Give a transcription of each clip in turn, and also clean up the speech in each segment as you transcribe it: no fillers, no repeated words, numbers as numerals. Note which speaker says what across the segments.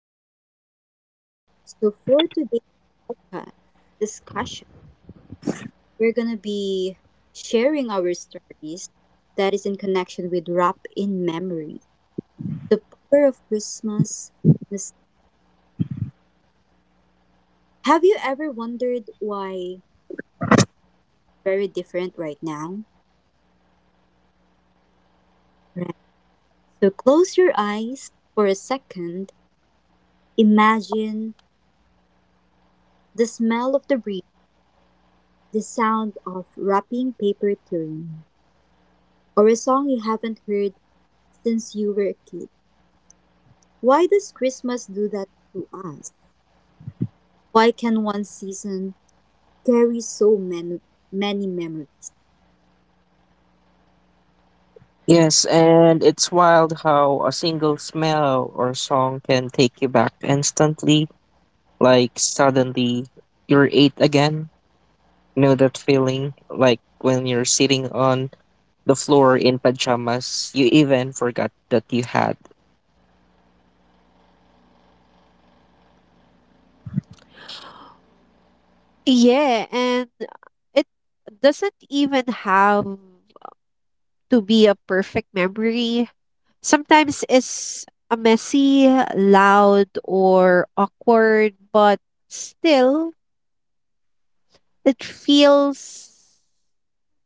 Speaker 1: day, everyone. So, for today's ca- discussion, we're going to be sharing our stories that is in connection with wrap in memory, the power of Christmas. This- Have you ever wondered why Christmas is very different right now? Right. So, close your eyes for a second. Imagine the smell of the breeze, the sound of wrapping paper tearing, or a song you haven't heard since you were a kid. Why does Christmas do that to us? Why can one season carry so many memories?
Speaker 2: Yes, and it's wild how a single smell or song can take you back instantly. Like suddenly you're eight again. You know that feeling? Like when you're sitting on the floor in pajamas, you even forgot that you had.
Speaker 3: Yeah, and it doesn't even have to be a perfect memory. Sometimes it's a messy, loud, or awkward, but still, it feels.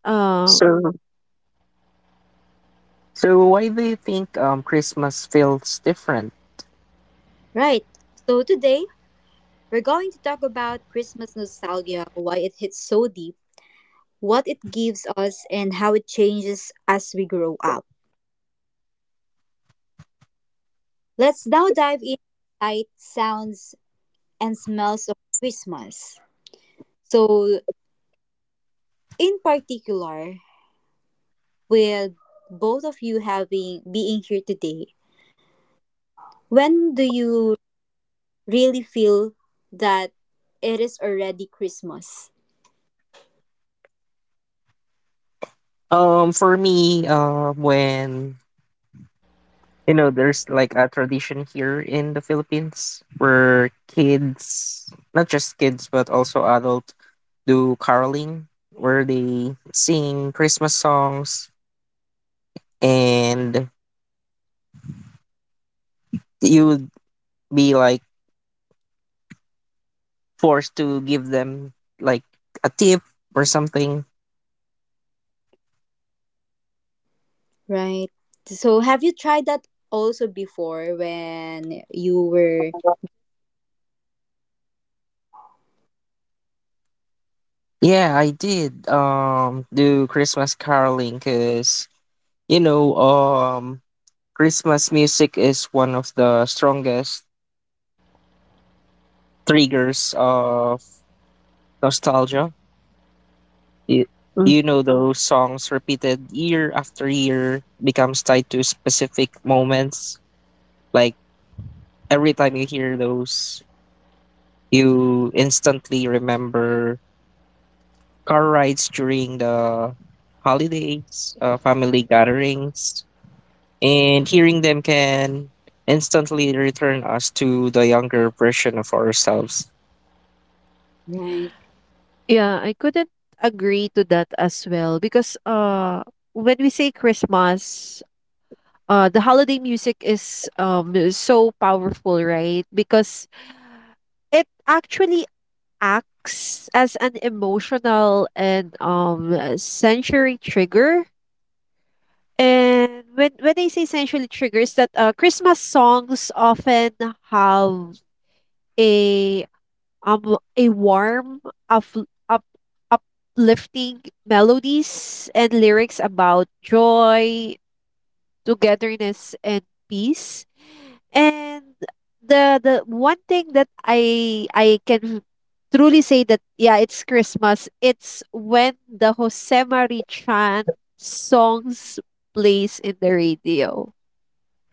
Speaker 3: Uh,
Speaker 2: So so why do you think Christmas feels different?
Speaker 1: Right. So today we're going to talk about Christmas nostalgia, why it hits so deep, what it gives us, and how it changes as we grow up. Let's now dive in sight, sounds, and smells of Christmas. So in particular, with both of you having being here today, when do you really feel that it is already Christmas,
Speaker 2: For me, when you know, there's like a tradition here in the Philippines where kids, not just kids, but also adults, do caroling where they sing Christmas songs and you would be like forced to give them like a tip or something.
Speaker 1: right? So have you tried that also before when you were
Speaker 2: Yeah, I did do Christmas caroling cuz you know, Christmas music is one of the strongest triggers of nostalgia. you,
Speaker 3: Mm.
Speaker 2: you know, those songs repeated year after year becomes tied to specific moments, like every time you hear those you instantly remember car rides during the holidays, family gatherings, and hearing them can instantly return us to the younger version of ourselves.
Speaker 1: right?
Speaker 3: Yeah, I couldn't agree to that as well because when we say Christmas, the holiday music is so powerful, right? Because it actually acts as an emotional and sensory trigger. And when I say sensory triggers, that Christmas songs often have a a warm of up uplifting melodies and lyrics about joy, togetherness, and peace. And the one thing that I can truly say that yeah, it's Christmas. It's when the Josemari Chan songs plays in the radio.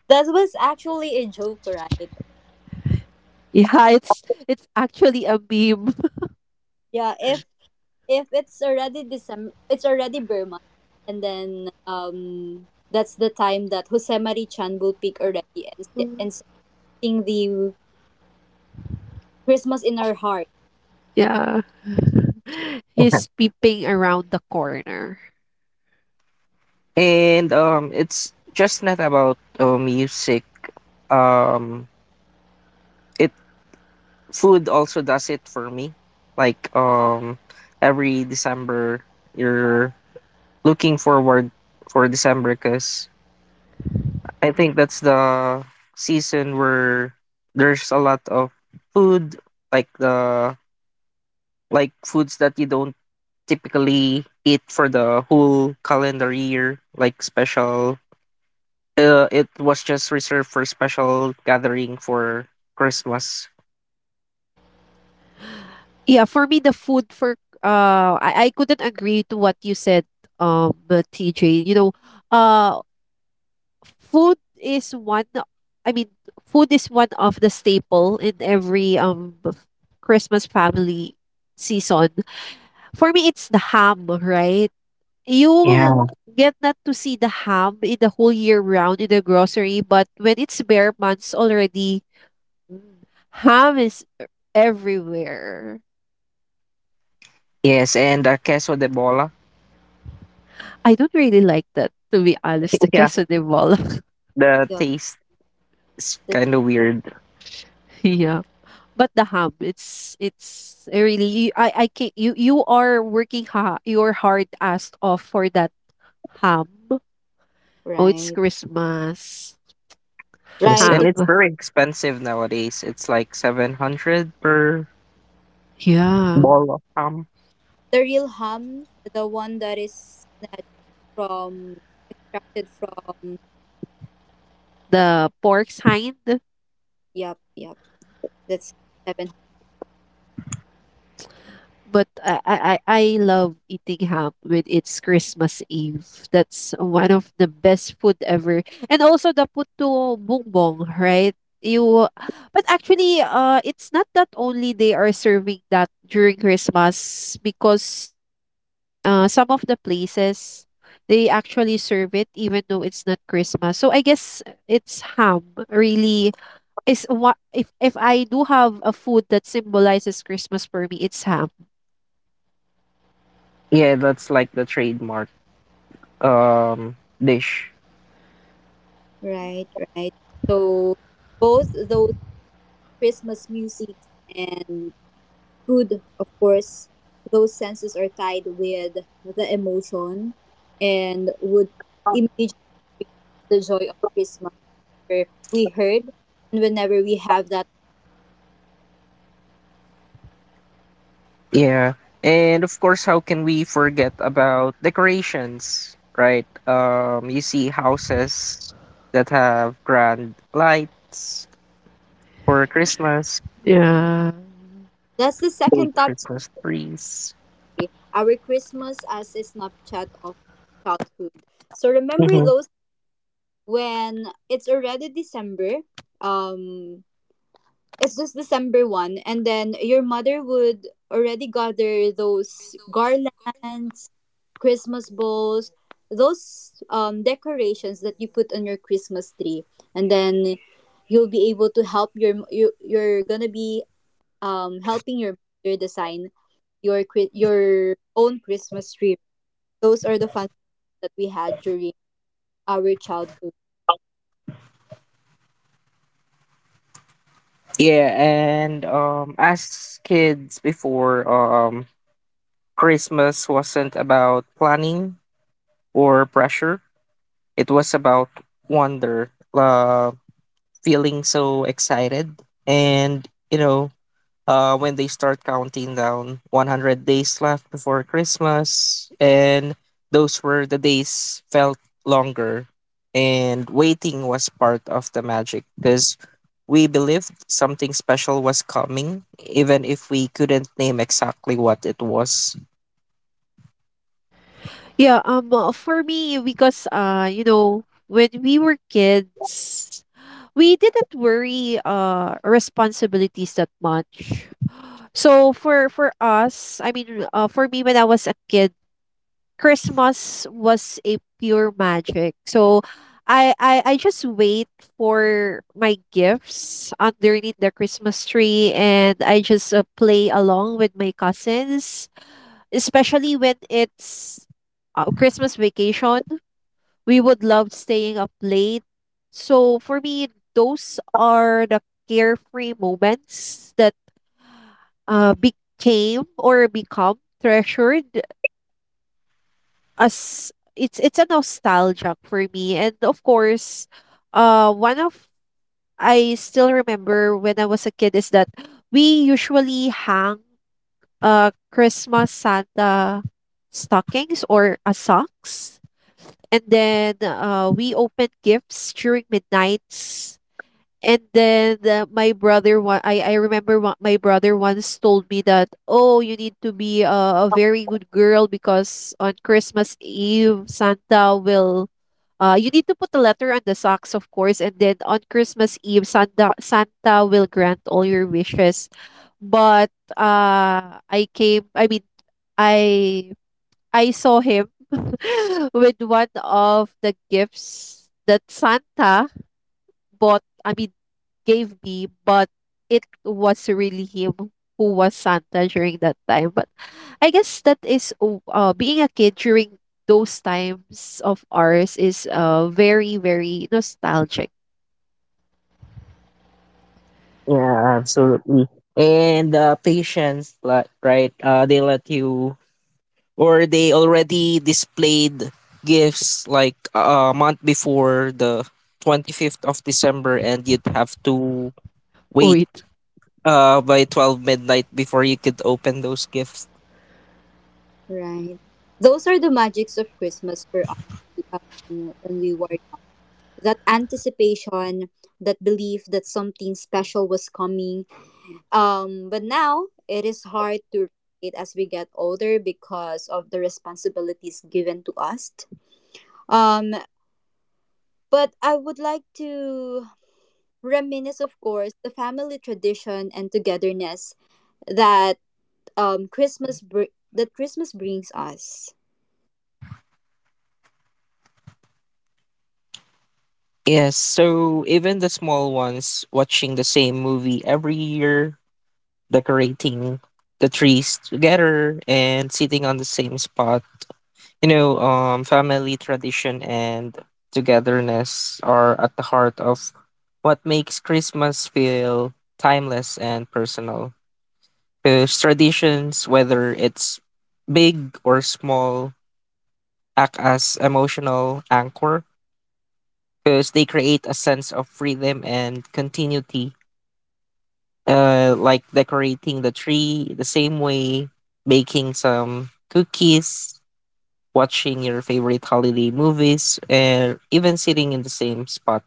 Speaker 1: That was actually a joke, right?
Speaker 3: Yeah, it's actually a meme.
Speaker 1: Yeah, if it's already December, it's already Burma, and then that's the time that Jose Mari Chan will pick already and and sing the Christmas in our heart.
Speaker 3: Yeah. He's peeping around the corner.
Speaker 2: And it's just not about music, um it Food also does it for me. Like, every December you're looking forward for December cuz I think that's the season where there's a lot of food, like the like foods that you don't typically eat for the whole calendar year, like special, it was just reserved for special gathering for Christmas.
Speaker 3: Yeah, for me the food I couldn't agree to what you said, TJ. You know, uh food is one I mean food is one of the staple in every Christmas family season. For me it's the ham, right? You
Speaker 2: Yeah.
Speaker 3: get not to see the ham in the whole year round in the grocery, but when it's bare months already, mm, ham is everywhere.
Speaker 2: Yes, and the queso de bola.
Speaker 3: I don't really like that to be honest, the
Speaker 2: Yeah,
Speaker 3: queso de bola.
Speaker 2: the
Speaker 1: Yup,
Speaker 2: taste, it's
Speaker 1: the
Speaker 2: kind of
Speaker 1: thing,
Speaker 2: weird.
Speaker 3: Yeah. But the ham, it's really I can you are working ha your hard ass off for that ham. Oh, it's
Speaker 1: right?
Speaker 3: Christmas
Speaker 2: Yes,
Speaker 1: Right,
Speaker 2: and it's
Speaker 3: ham.
Speaker 2: very expensive nowadays. It's like 700 per
Speaker 3: Yeah,
Speaker 2: ball of ham.
Speaker 1: the real ham, the one that is snatched from, extracted from,
Speaker 3: the pork's hind.
Speaker 1: yep, yep, that's seven.
Speaker 3: But I love eating ham when it's Christmas Eve. That's one of the best food ever. And also the puto bumbong, right? You But actually it's not that only they are serving that during Christmas because in some of the places they actually serve it even though it's not Christmas. So I guess it's ham really is what if I do have a food that symbolizes Christmas for me, it's ham.
Speaker 2: Yeah, that's like the trademark um dish.
Speaker 1: Right, right. So both those Christmas music and food, of course, those senses are tied with the emotion and would immediately bring the joy of Christmas where we heard and whenever we have that.
Speaker 2: Yeah. And of course, how can we forget about decorations, right? You see houses that have grand lights for Christmas,
Speaker 3: Yeah.
Speaker 1: That's the
Speaker 2: big
Speaker 1: second topic
Speaker 2: Christmas trees.
Speaker 1: our Christmas as a snapshot of childhood. So remember
Speaker 2: Mm-hmm.
Speaker 1: those when it's already December, um, it's just December 1st, and then your mother would already gather those garlands, Christmas balls, those decorations that you put on your Christmas tree, and then you'll be able to help you're gonna be helping your mother design your your own Christmas tree, those are the fun that we had during our childhood.
Speaker 2: Yeah, and as kids before, Christmas wasn't about planning or pressure. It was about wonder, feeling so excited, and you know, when they start counting down 100 days left before Christmas. And those were the days felt longer. And waiting was part of the magic because we believed something special was coming, even if we couldn't name exactly what it was.
Speaker 3: Yeah, for me because you know, when we were kids, we didn't worry responsibilities that much. So for me when I was a kid, Christmas was a pure magic. So I just wait for my gifts underneath the Christmas tree, and I just play along with my cousins, especially when it's Christmas vacation. We would love staying up late. So for me, those are the carefree moments that became or become treasured as it's a nostalgia for me. And of course, one of I still remember when I was a kid is that we usually hang Christmas Santa stockings or a socks, and then we opened gifts during midnights. And then I remember what my brother once told me, that oh, you need to be a very good girl because on Christmas Eve, Santa will you need to put a letter on the socks, of course, and then on Christmas Eve, Santa will grant all your wishes. But I came I mean I I saw him with one of the gifts that Santa bought, I mean, gave me, but it was really him who was Santa during that time. But I guess that being a kid during those times of ours is very, very nostalgic.
Speaker 2: Yeah, absolutely. And patience, like, right? They let you or they already displayed gifts like, a month before the 25th of December, and you'd have to wait
Speaker 3: Wait.
Speaker 2: by 12 midnight before you could open those gifts.
Speaker 1: Right. Those are the magics of Christmas for us when we were young. That anticipation, that belief that something special was coming. But now it is hard to it as we get older because of the responsibilities given to us. Um, but I would like to reminisce, of course, the family tradition and togetherness that Christmas that Christmas brings us.
Speaker 2: Yes, so even the small ones watching the same movie every year, decorating the trees together and sitting on the same spot. You know, family tradition and togetherness are at the heart of what makes Christmas feel timeless and personal. Because traditions, whether it's big or small, act as emotional anchor because they create a sense of freedom and continuity. Like decorating the tree the same way, baking some cookies, watching your favorite holiday movies, and even sitting in the same spot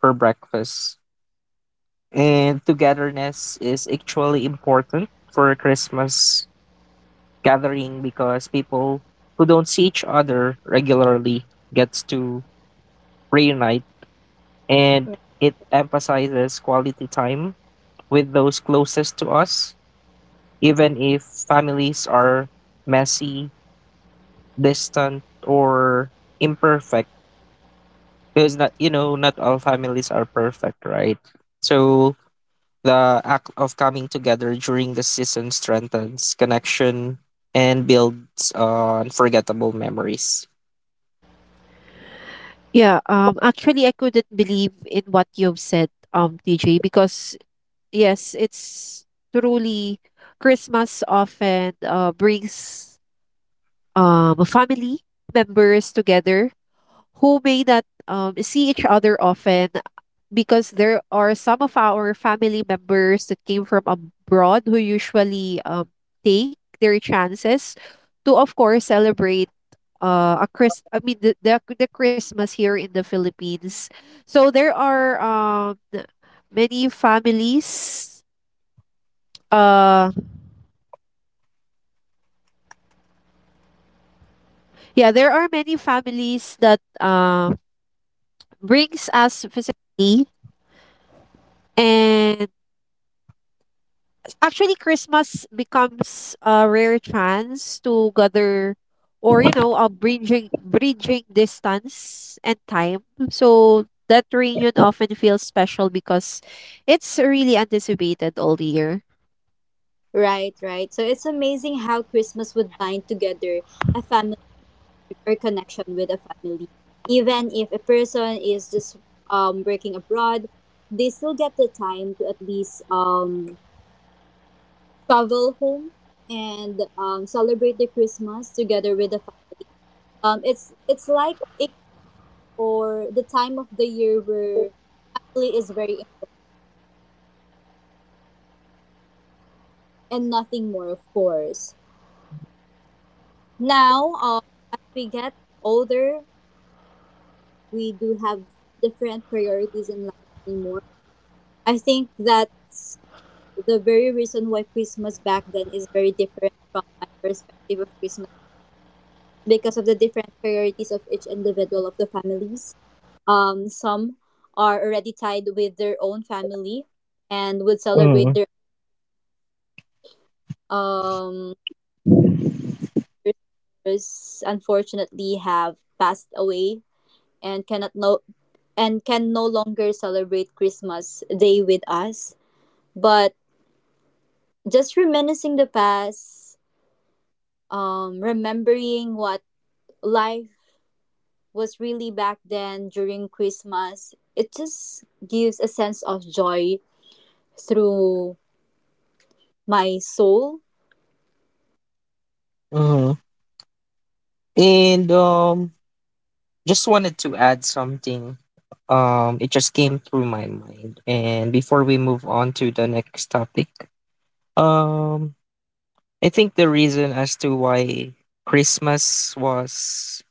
Speaker 2: for breakfast. And togetherness is actually important for a Christmas gathering because people who don't see each other regularly gets to reunite, and it emphasizes quality time with those closest to us, even if families are messy, distant, or imperfect, because not, you know, not all families are perfect, right? So the act of coming together during the season strengthens connection and builds unforgettable memories.
Speaker 3: Yeah, actually, I couldn't believe in what you've said, TJ, because yes, it's truly, Christmas often brings family members together who may not see each other often, because there are some of our family members that came from abroad who usually take their chances to, of course, celebrate a Christmas. Actually, Christmas becomes a rare chance to gather or, you know, a bridging distance and time. So that reunion often feels special because it's really anticipated all year.
Speaker 1: Right, right. So it's amazing how Christmas would bind together a family or connection with a family. Even if a person is just working abroad, they still get the time to at least travel home and celebrate the Christmas together with the family. It's like it or the time of the year where family is very and nothing more of course. Now, as we get older, we do have different priorities in life anymore. I think that's the very reason why Christmas back then is very different from my perspective of Christmas because of the different priorities of each individual of the families. Some are already tied with their own family and would celebrate
Speaker 2: Mm-hmm.
Speaker 1: their um others unfortunately have passed away and can no longer celebrate Christmas Day with us. But just reminiscing the past, remembering what life was really back then during Christmas, it just gives a sense of joy through my soul.
Speaker 2: And just wanted to add something. It just came through my mind, and before we move on to the next topic, um I think the reason as to why Christmas was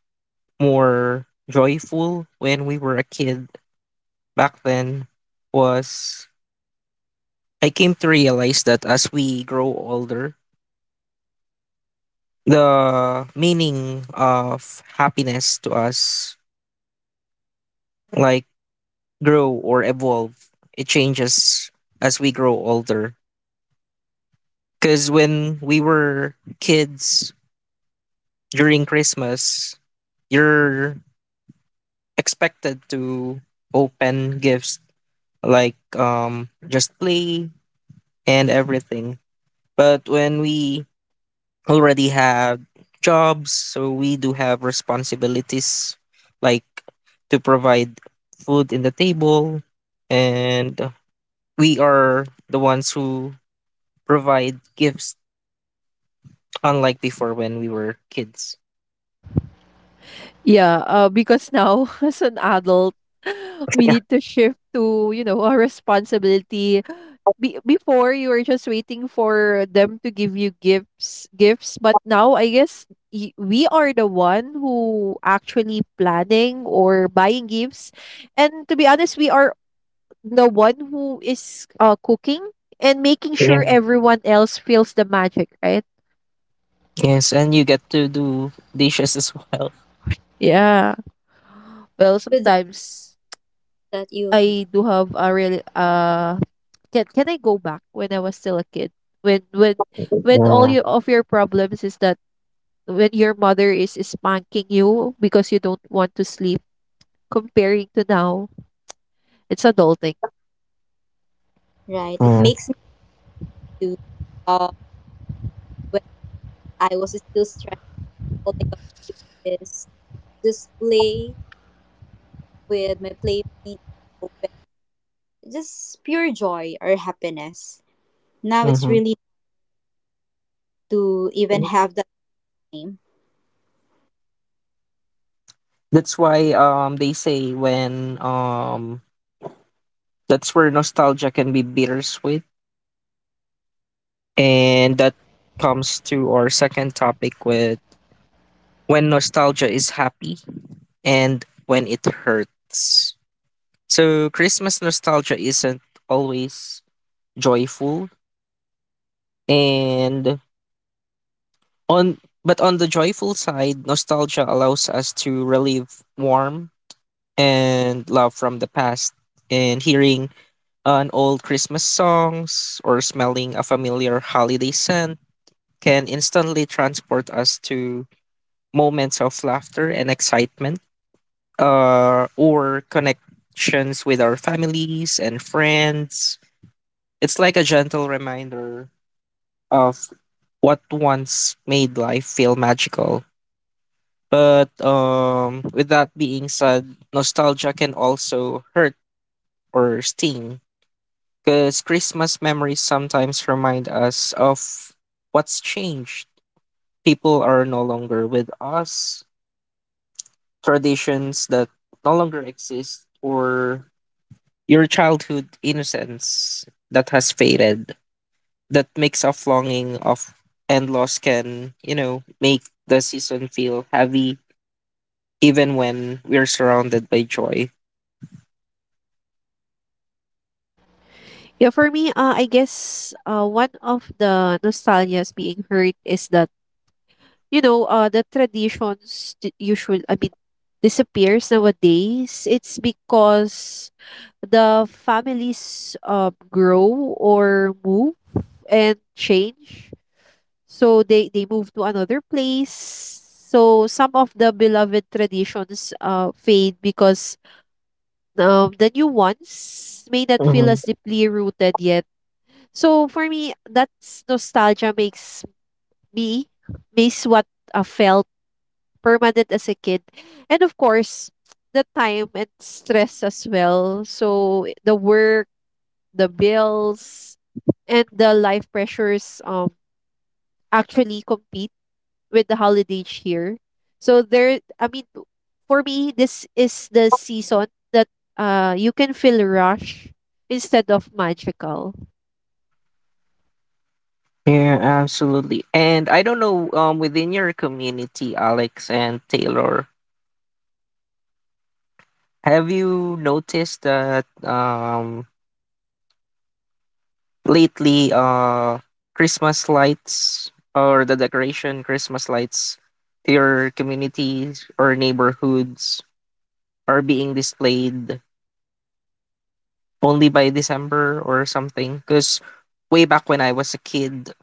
Speaker 2: more joyful when we were a kid back then was, I came to realize that as we grow older, the meaning of happiness to us, like, grow or evolve. It changes as we grow older. Because when we were kids during Christmas, you're expected to open gifts, like, just play and everything. But when we already have jobs, so we do have responsibilities, like to provide food in the table, and we are the ones who provide gifts, unlike before when we were kids.
Speaker 3: Yeah, because now as an adult, we need to shift to, you know, a responsibility. Before, you were just waiting for them to give you gifts, gifts, but now I guess we are the one who actually planning or buying gifts. And to be honest, we are the one who is cooking and making sure
Speaker 2: Yeah.
Speaker 3: everyone else feels the magic, right?
Speaker 2: Yes, and you get to do dishes as well.
Speaker 3: Yeah. Well,
Speaker 1: With that,
Speaker 3: sometimes.
Speaker 1: that you
Speaker 3: I do have a real can I go back when I was still a kid? When when when all
Speaker 2: Yeah.
Speaker 3: your of your problems is that when your mother is spanking you because you don't want to sleep, comparing to now, it's adulting.
Speaker 1: right, it
Speaker 2: Yeah.
Speaker 1: makes me do uh, when I was still stressed. All I got to do is just play with my playmates open. Just pure joy or happiness. Now it's
Speaker 2: Hmm.
Speaker 1: really to even have that name.
Speaker 2: That's why they say when that's where nostalgia can be bittersweet. And that comes to our second topic, with when nostalgia is happy and when it hurts. So, Christmas nostalgia isn't always joyful and on on the joyful side, nostalgia allows us to relieve warmth and love from the past, and hearing an old Christmas songs or smelling a familiar holiday scent can instantly transport us to moments of laughter and excitement, or connections with our families and friends. It's like a gentle reminder of what once made life feel magical. But with that being said, nostalgia can also hurt or sting because Christmas memories sometimes remind us of what's changed. People are no longer with us, traditions that no longer exist, or your childhood innocence that has faded. That mix of longing of and loss can, you know, make the season feel heavy even when we're surrounded by joy.
Speaker 3: Yeah, for me, I guess one of the nostalgias being hurt is that, you know, the traditions disappears nowadays. It's because the families grow or move and change. So they move to another place. So some of the beloved traditions fade because the new ones may not feel
Speaker 2: Mhm.
Speaker 3: as deeply rooted yet. So for me, that's nostalgia makes me miss what I felt permanent as a kid. And of course, the time and stress as well. So the work, the bills, and the life pressures actually compete with the holiday cheer. So there I mean for me, this is the season that you can feel rush instead of magical.
Speaker 2: Yeah, absolutely. And I don't know, within your community, Alex and Taylor, have you noticed that lately Christmas lights, or the decoration Christmas lights to your communities or neighborhoods, are being displayed only by December or something? Because way back when I was a kid,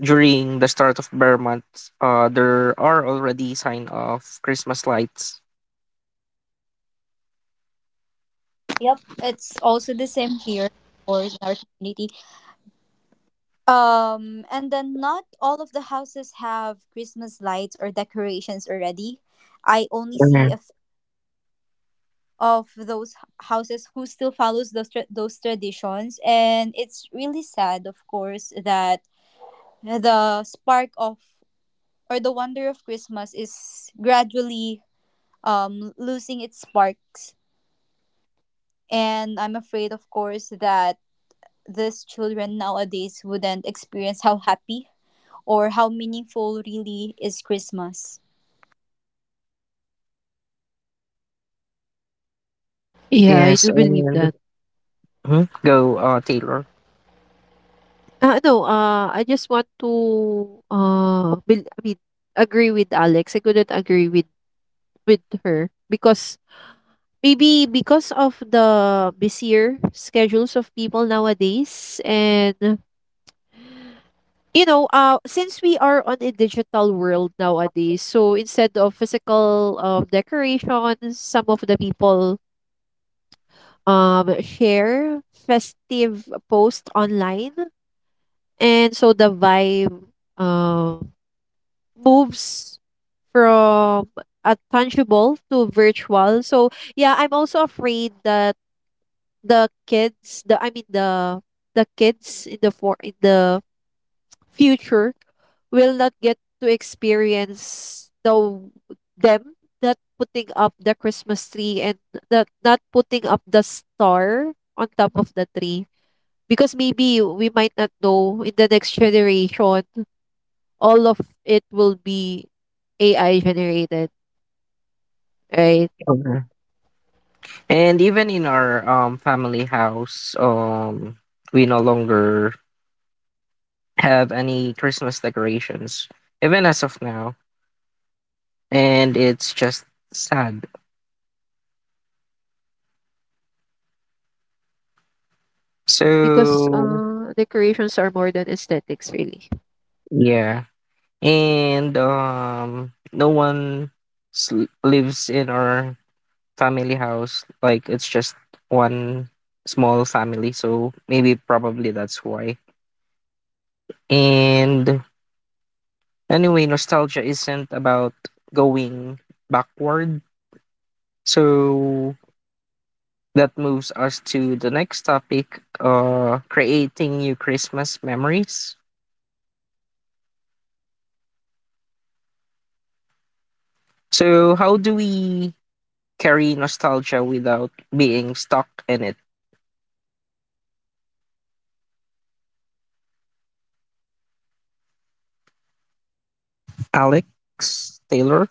Speaker 2: during the start of bear month, there are already sign of Christmas lights.
Speaker 1: Yep, it's also the same here or in our community. And then not all of the houses have Christmas lights or decorations already. I only see a
Speaker 2: Mhm.
Speaker 1: of those houses who still follows those those traditions, and it's really sad, of course, that the spark of or the wonder of Christmas is gradually losing its sparks. And I'm afraid, of course, that these children nowadays wouldn't experience how happy or how meaningful really is Christmas.
Speaker 3: Yeah, I
Speaker 2: Yes,
Speaker 3: do believe
Speaker 2: and
Speaker 3: that.
Speaker 2: mhm, go Taylor.
Speaker 3: No, I just want to bel I mean agree with Alex. I couldn't agree with her because maybe because of the busier schedules of people nowadays. And you know, since we are on a digital world nowadays, so instead of physical decorations, some of the people share festive post online, and so the vibe um moves from a tangible to virtual. So yeah, I'm also afraid that the kids the I mean the the kids in the future will not get to experience the them not putting up the Christmas tree and that not putting up the star on top of the tree, because maybe we might not know, in the next generation, all of it will be AI generated, right?
Speaker 2: Okay. And even in our family house, we no longer have any Christmas decorations, even as of now. And it's just sad.
Speaker 3: Yeah, because
Speaker 2: So
Speaker 3: decorations are more than aesthetics really.
Speaker 2: yeah, and no one sl- lives in our family house. Like, it's just one small family. So maybe probably that's why. And anyway, nostalgia isn't about going backward. So that moves us to the next topic, creating new Christmas memories. So, how do we carry nostalgia without being stuck in it? Alex, Taylor.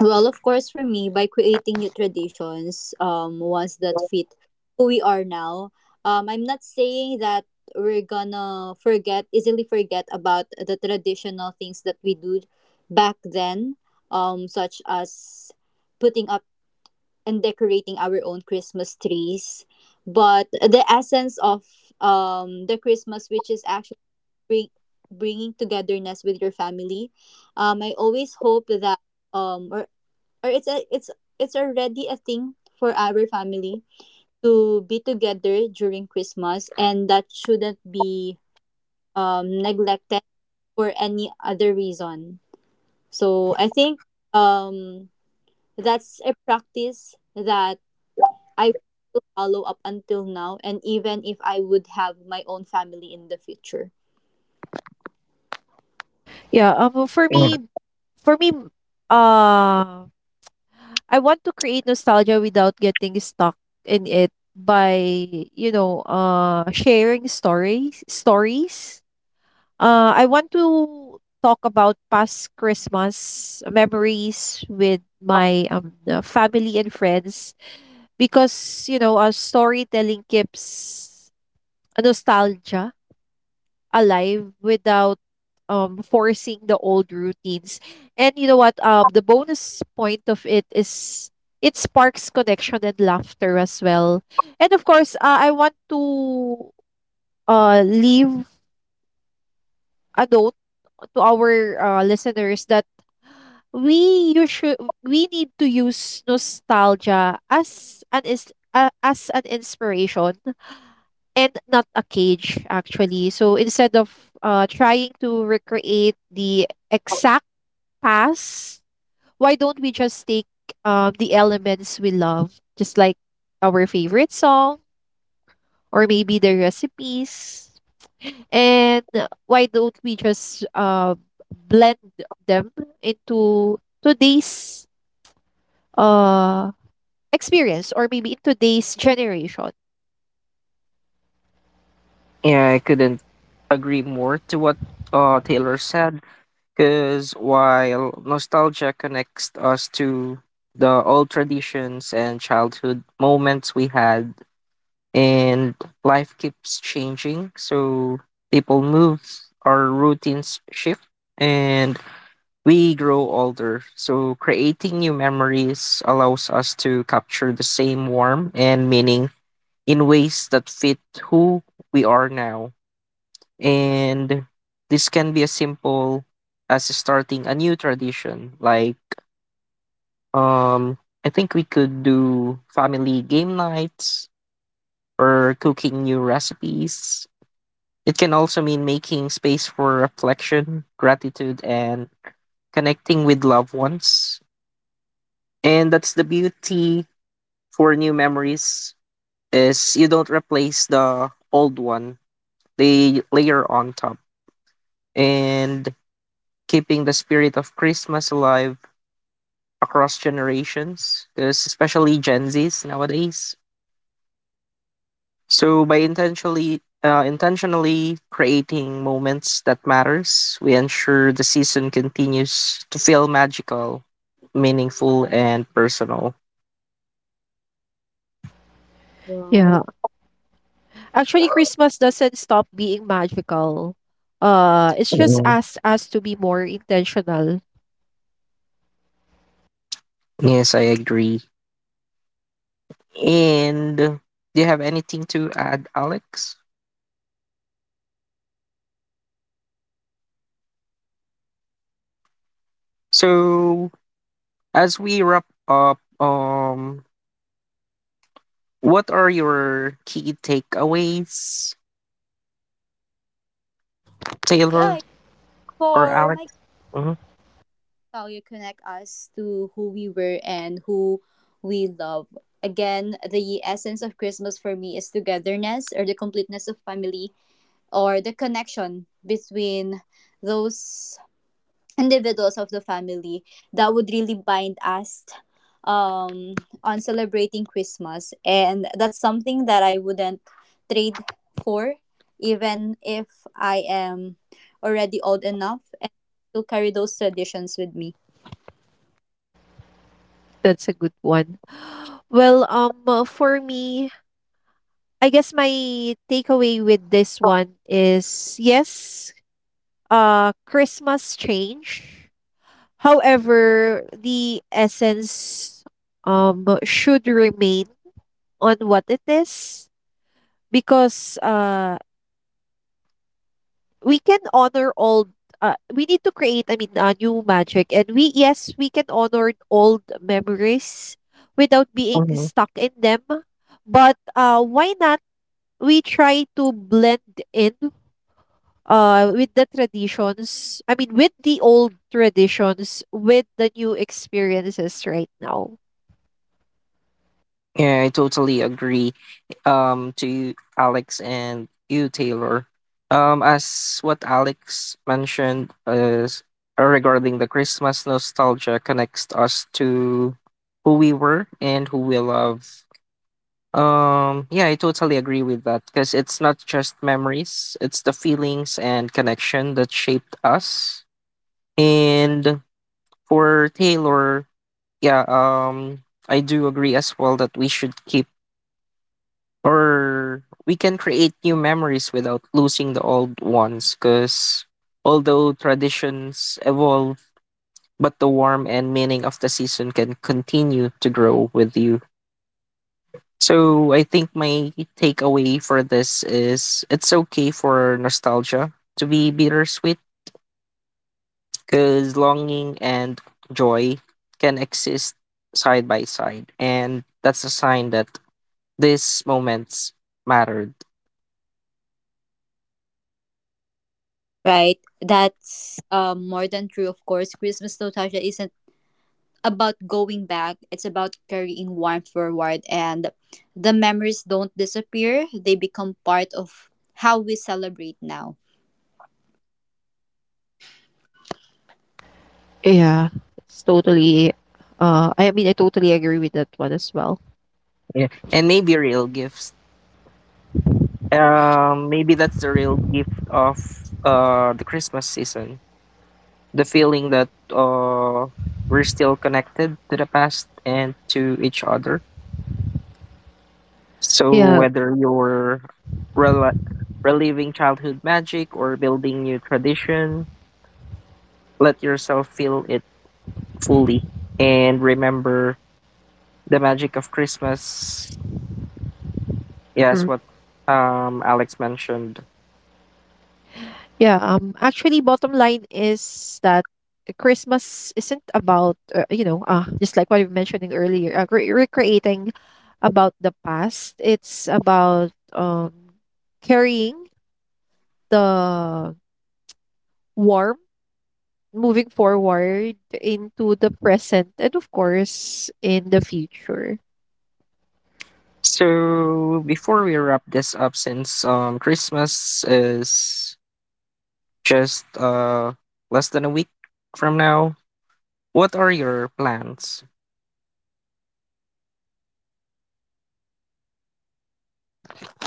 Speaker 1: Well, of course, for me, by creating new traditions, ones that fit who we are now, I'm not saying that we're gonna forget, easily forget about the traditional things that we do back then, such as putting up and decorating our own Christmas trees. But the essence of the Christmas, which is bring, bringing togetherness with your family. I always hope that um, or or it's already a thing for our family to be together during Christmas, and that shouldn't be neglected for any other reason. So I think um that's a practice that I will follow up until now, and even if I would have my own family in the future.
Speaker 3: yeah um for me For me, uh, I want to create nostalgia without getting stuck in it by, you know, sharing stories. Stories. I want to talk about past Christmas memories with my family and friends, because you know, storytelling keeps nostalgia alive without forcing the old routines. And you know what? The bonus point of it is it sparks connection and laughter as well. And of course, I want to leave a note to our listeners that we you should we need to use nostalgia as an is as an inspiration and not a cage, actually. So instead of trying to recreate the exact pass, why don't we just take the elements we love, just like our favorite song or maybe the recipes, and why don't we just blend them into today's uh, experience, or maybe in today's generation?
Speaker 2: Yeah, I couldn't agree more to what Taylor said, because while nostalgia connects us to the old traditions and childhood moments we had, and life keeps changing, so people move, our routines shift, and we grow older, so creating new memories allows us to capture the same warmth and meaning in ways that fit who we are now. And this can be as simple as starting a new tradition, like, um I think we could do family game nights or cooking new recipes. It can also mean making space for reflection, gratitude, and connecting with loved ones. And that's the beauty for new memories, is you don't replace the old one. They layer on top. And keeping the spirit of Christmas alive across generations, 'cause especially Gen Zs nowadays. So by intentionally intentionally creating moments that matters, we ensure the season continues to feel magical, meaningful, and personal.
Speaker 1: Right.
Speaker 3: Yeah. Actually, Christmas doesn't stop being magical. It's just
Speaker 2: Mhm.
Speaker 3: asked us to be more intentional.
Speaker 2: Yes, I agree. And do you have anything to add, Alex? So as we wrap up, what are your key takeaways,
Speaker 1: Yeah,
Speaker 2: Taylor or
Speaker 1: for
Speaker 2: Alex?
Speaker 1: my
Speaker 2: Mhm.
Speaker 1: Value connect us to who we were and who we love. Again, the essence of Christmas for me is togetherness or the completeness of family or the connection between those individuals of the family that would really bind us um, on celebrating Christmas. And that's something that I wouldn't trade for, even if I am already old enough and to carry those traditions with me.
Speaker 3: That's a good one. Well, for me, I guess my takeaway with this one is yes, Christmas change. However, the essence should remain on what it is, because we can honor old we need to create, I mean, a new magic. And we yes, we can honor old memories without being stuck in them, but why not we try to blend in with the traditions, I mean, with the old traditions with the new experiences right now.
Speaker 2: Yeah, I totally agree to you, Alex, and you Taylor. As what Alex mentioned is, regarding the Christmas nostalgia connects us to who we were and who we love. Yeah, I totally agree with that, because it's not just memories, it's the feelings and connection that shaped us. And for Taylor, yeah, I do agree as well that we should keep or we can create new memories without losing the old ones, because although traditions evolve, but the warmth and meaning of the season can continue to grow with you. So I think my takeaway for this is it's okay for nostalgia to be bittersweet, because longing and joy can exist side by side. And that's a sign that these moments mattered.
Speaker 1: Right. That's more than true, of course. Christmas nostalgia isn't about going back, it's about carrying warmth forward. And the memories don't disappear, they become part of how we celebrate now.
Speaker 3: Yeah, it's totally. I mean, I totally agree with that one as well.
Speaker 2: Yeah. And maybe real gifts Maybe that's the real gift of the Christmas season. The feeling that we're still connected to the past and to each other. So
Speaker 3: Yeah.
Speaker 2: whether you're rela- reliving childhood magic or building new tradition, let yourself feel it fully and remember the magic of Christmas. Yes, what Alex mentioned.
Speaker 3: Yeah, actually, bottom line is that Christmas isn't about you know, just like what you were mentioning earlier, recreating about the past. It's about carrying the warmth moving forward into the present and of course in the future.
Speaker 2: So before we wrap this up, since Christmas is just less than a week from now, what are your plans?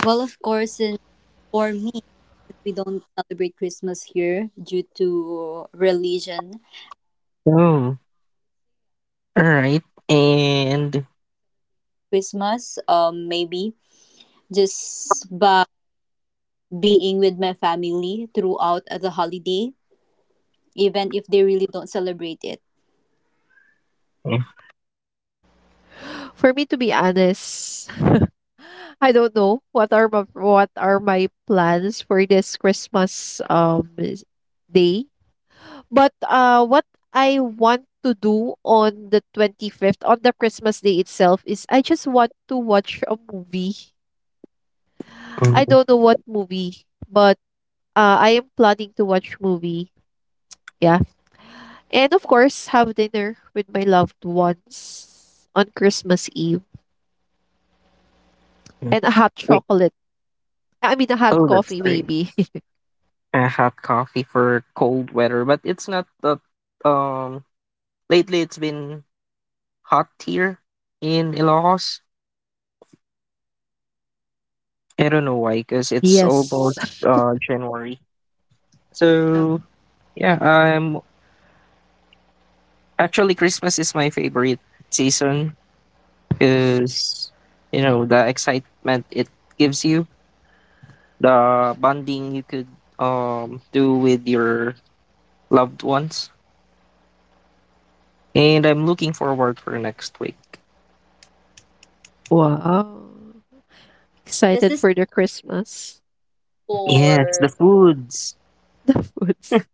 Speaker 1: Well, of course, and for me, we don't celebrate Christmas here due to religion.
Speaker 2: Oh, all right, and
Speaker 1: Christmas, maybe just by being with my family throughout the holiday, even if they really don't celebrate it.
Speaker 3: For me to be honest, I don't know what are my plans for this Christmas day. But, what I want to do on the 25th, on the Christmas Day itself, is I just want to watch a movie. I
Speaker 2: mhm.
Speaker 3: don't know what movie, but I am planning to watch movie. Yeah. And of course, have dinner with my loved ones on Christmas Eve and a hot
Speaker 2: Wait,
Speaker 3: chocolate. I mean, a hot
Speaker 2: oh, that's
Speaker 3: coffee,
Speaker 2: great.
Speaker 3: maybe.
Speaker 2: A hot coffee for cold weather, but it's not that. Um, lately it's been hot here in Ilocos. I don't know why, because it's almost
Speaker 3: Yes.
Speaker 2: January. So yeah, I'm actually, Christmas is my favorite season, because you know the excitement it gives you, the bonding you could do with your loved ones, and I'm looking forward for next week.
Speaker 3: Wow.
Speaker 1: This
Speaker 3: Excited
Speaker 1: is
Speaker 3: for the Christmas.
Speaker 2: Yes,
Speaker 1: for
Speaker 2: the foods.
Speaker 3: The foods.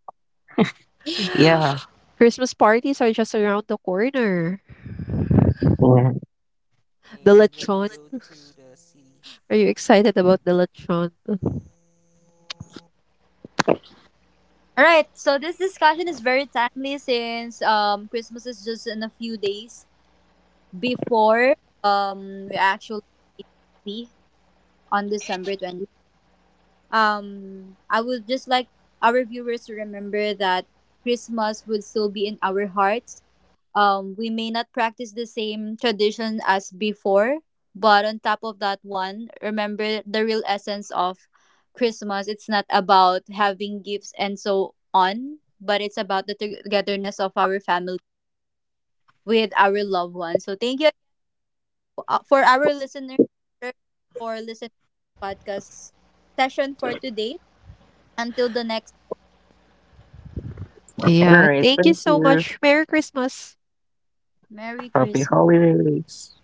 Speaker 2: Yeah.
Speaker 3: Christmas parties are just around the corner. The lechon. Are you excited about the lechon?
Speaker 1: All right, so this discussion is very timely since Christmas is just in a few days before um we actually be on December 20th. I would just like our viewers to remember that Christmas would still be in our hearts, we may not practice the same tradition as before, but on top of that one, remember the real essence of Christmas. It's not about having gifts and so on, but it's about the togetherness of our family with our loved ones. So thank you for our listener for listening to the podcast session for today. Until the next
Speaker 2: All
Speaker 3: Yeah.
Speaker 2: right.
Speaker 3: Thank you
Speaker 2: Thank
Speaker 3: so
Speaker 2: you.
Speaker 3: much. Merry Christmas.
Speaker 1: Merry
Speaker 2: Happy
Speaker 1: Christmas.
Speaker 2: holidays.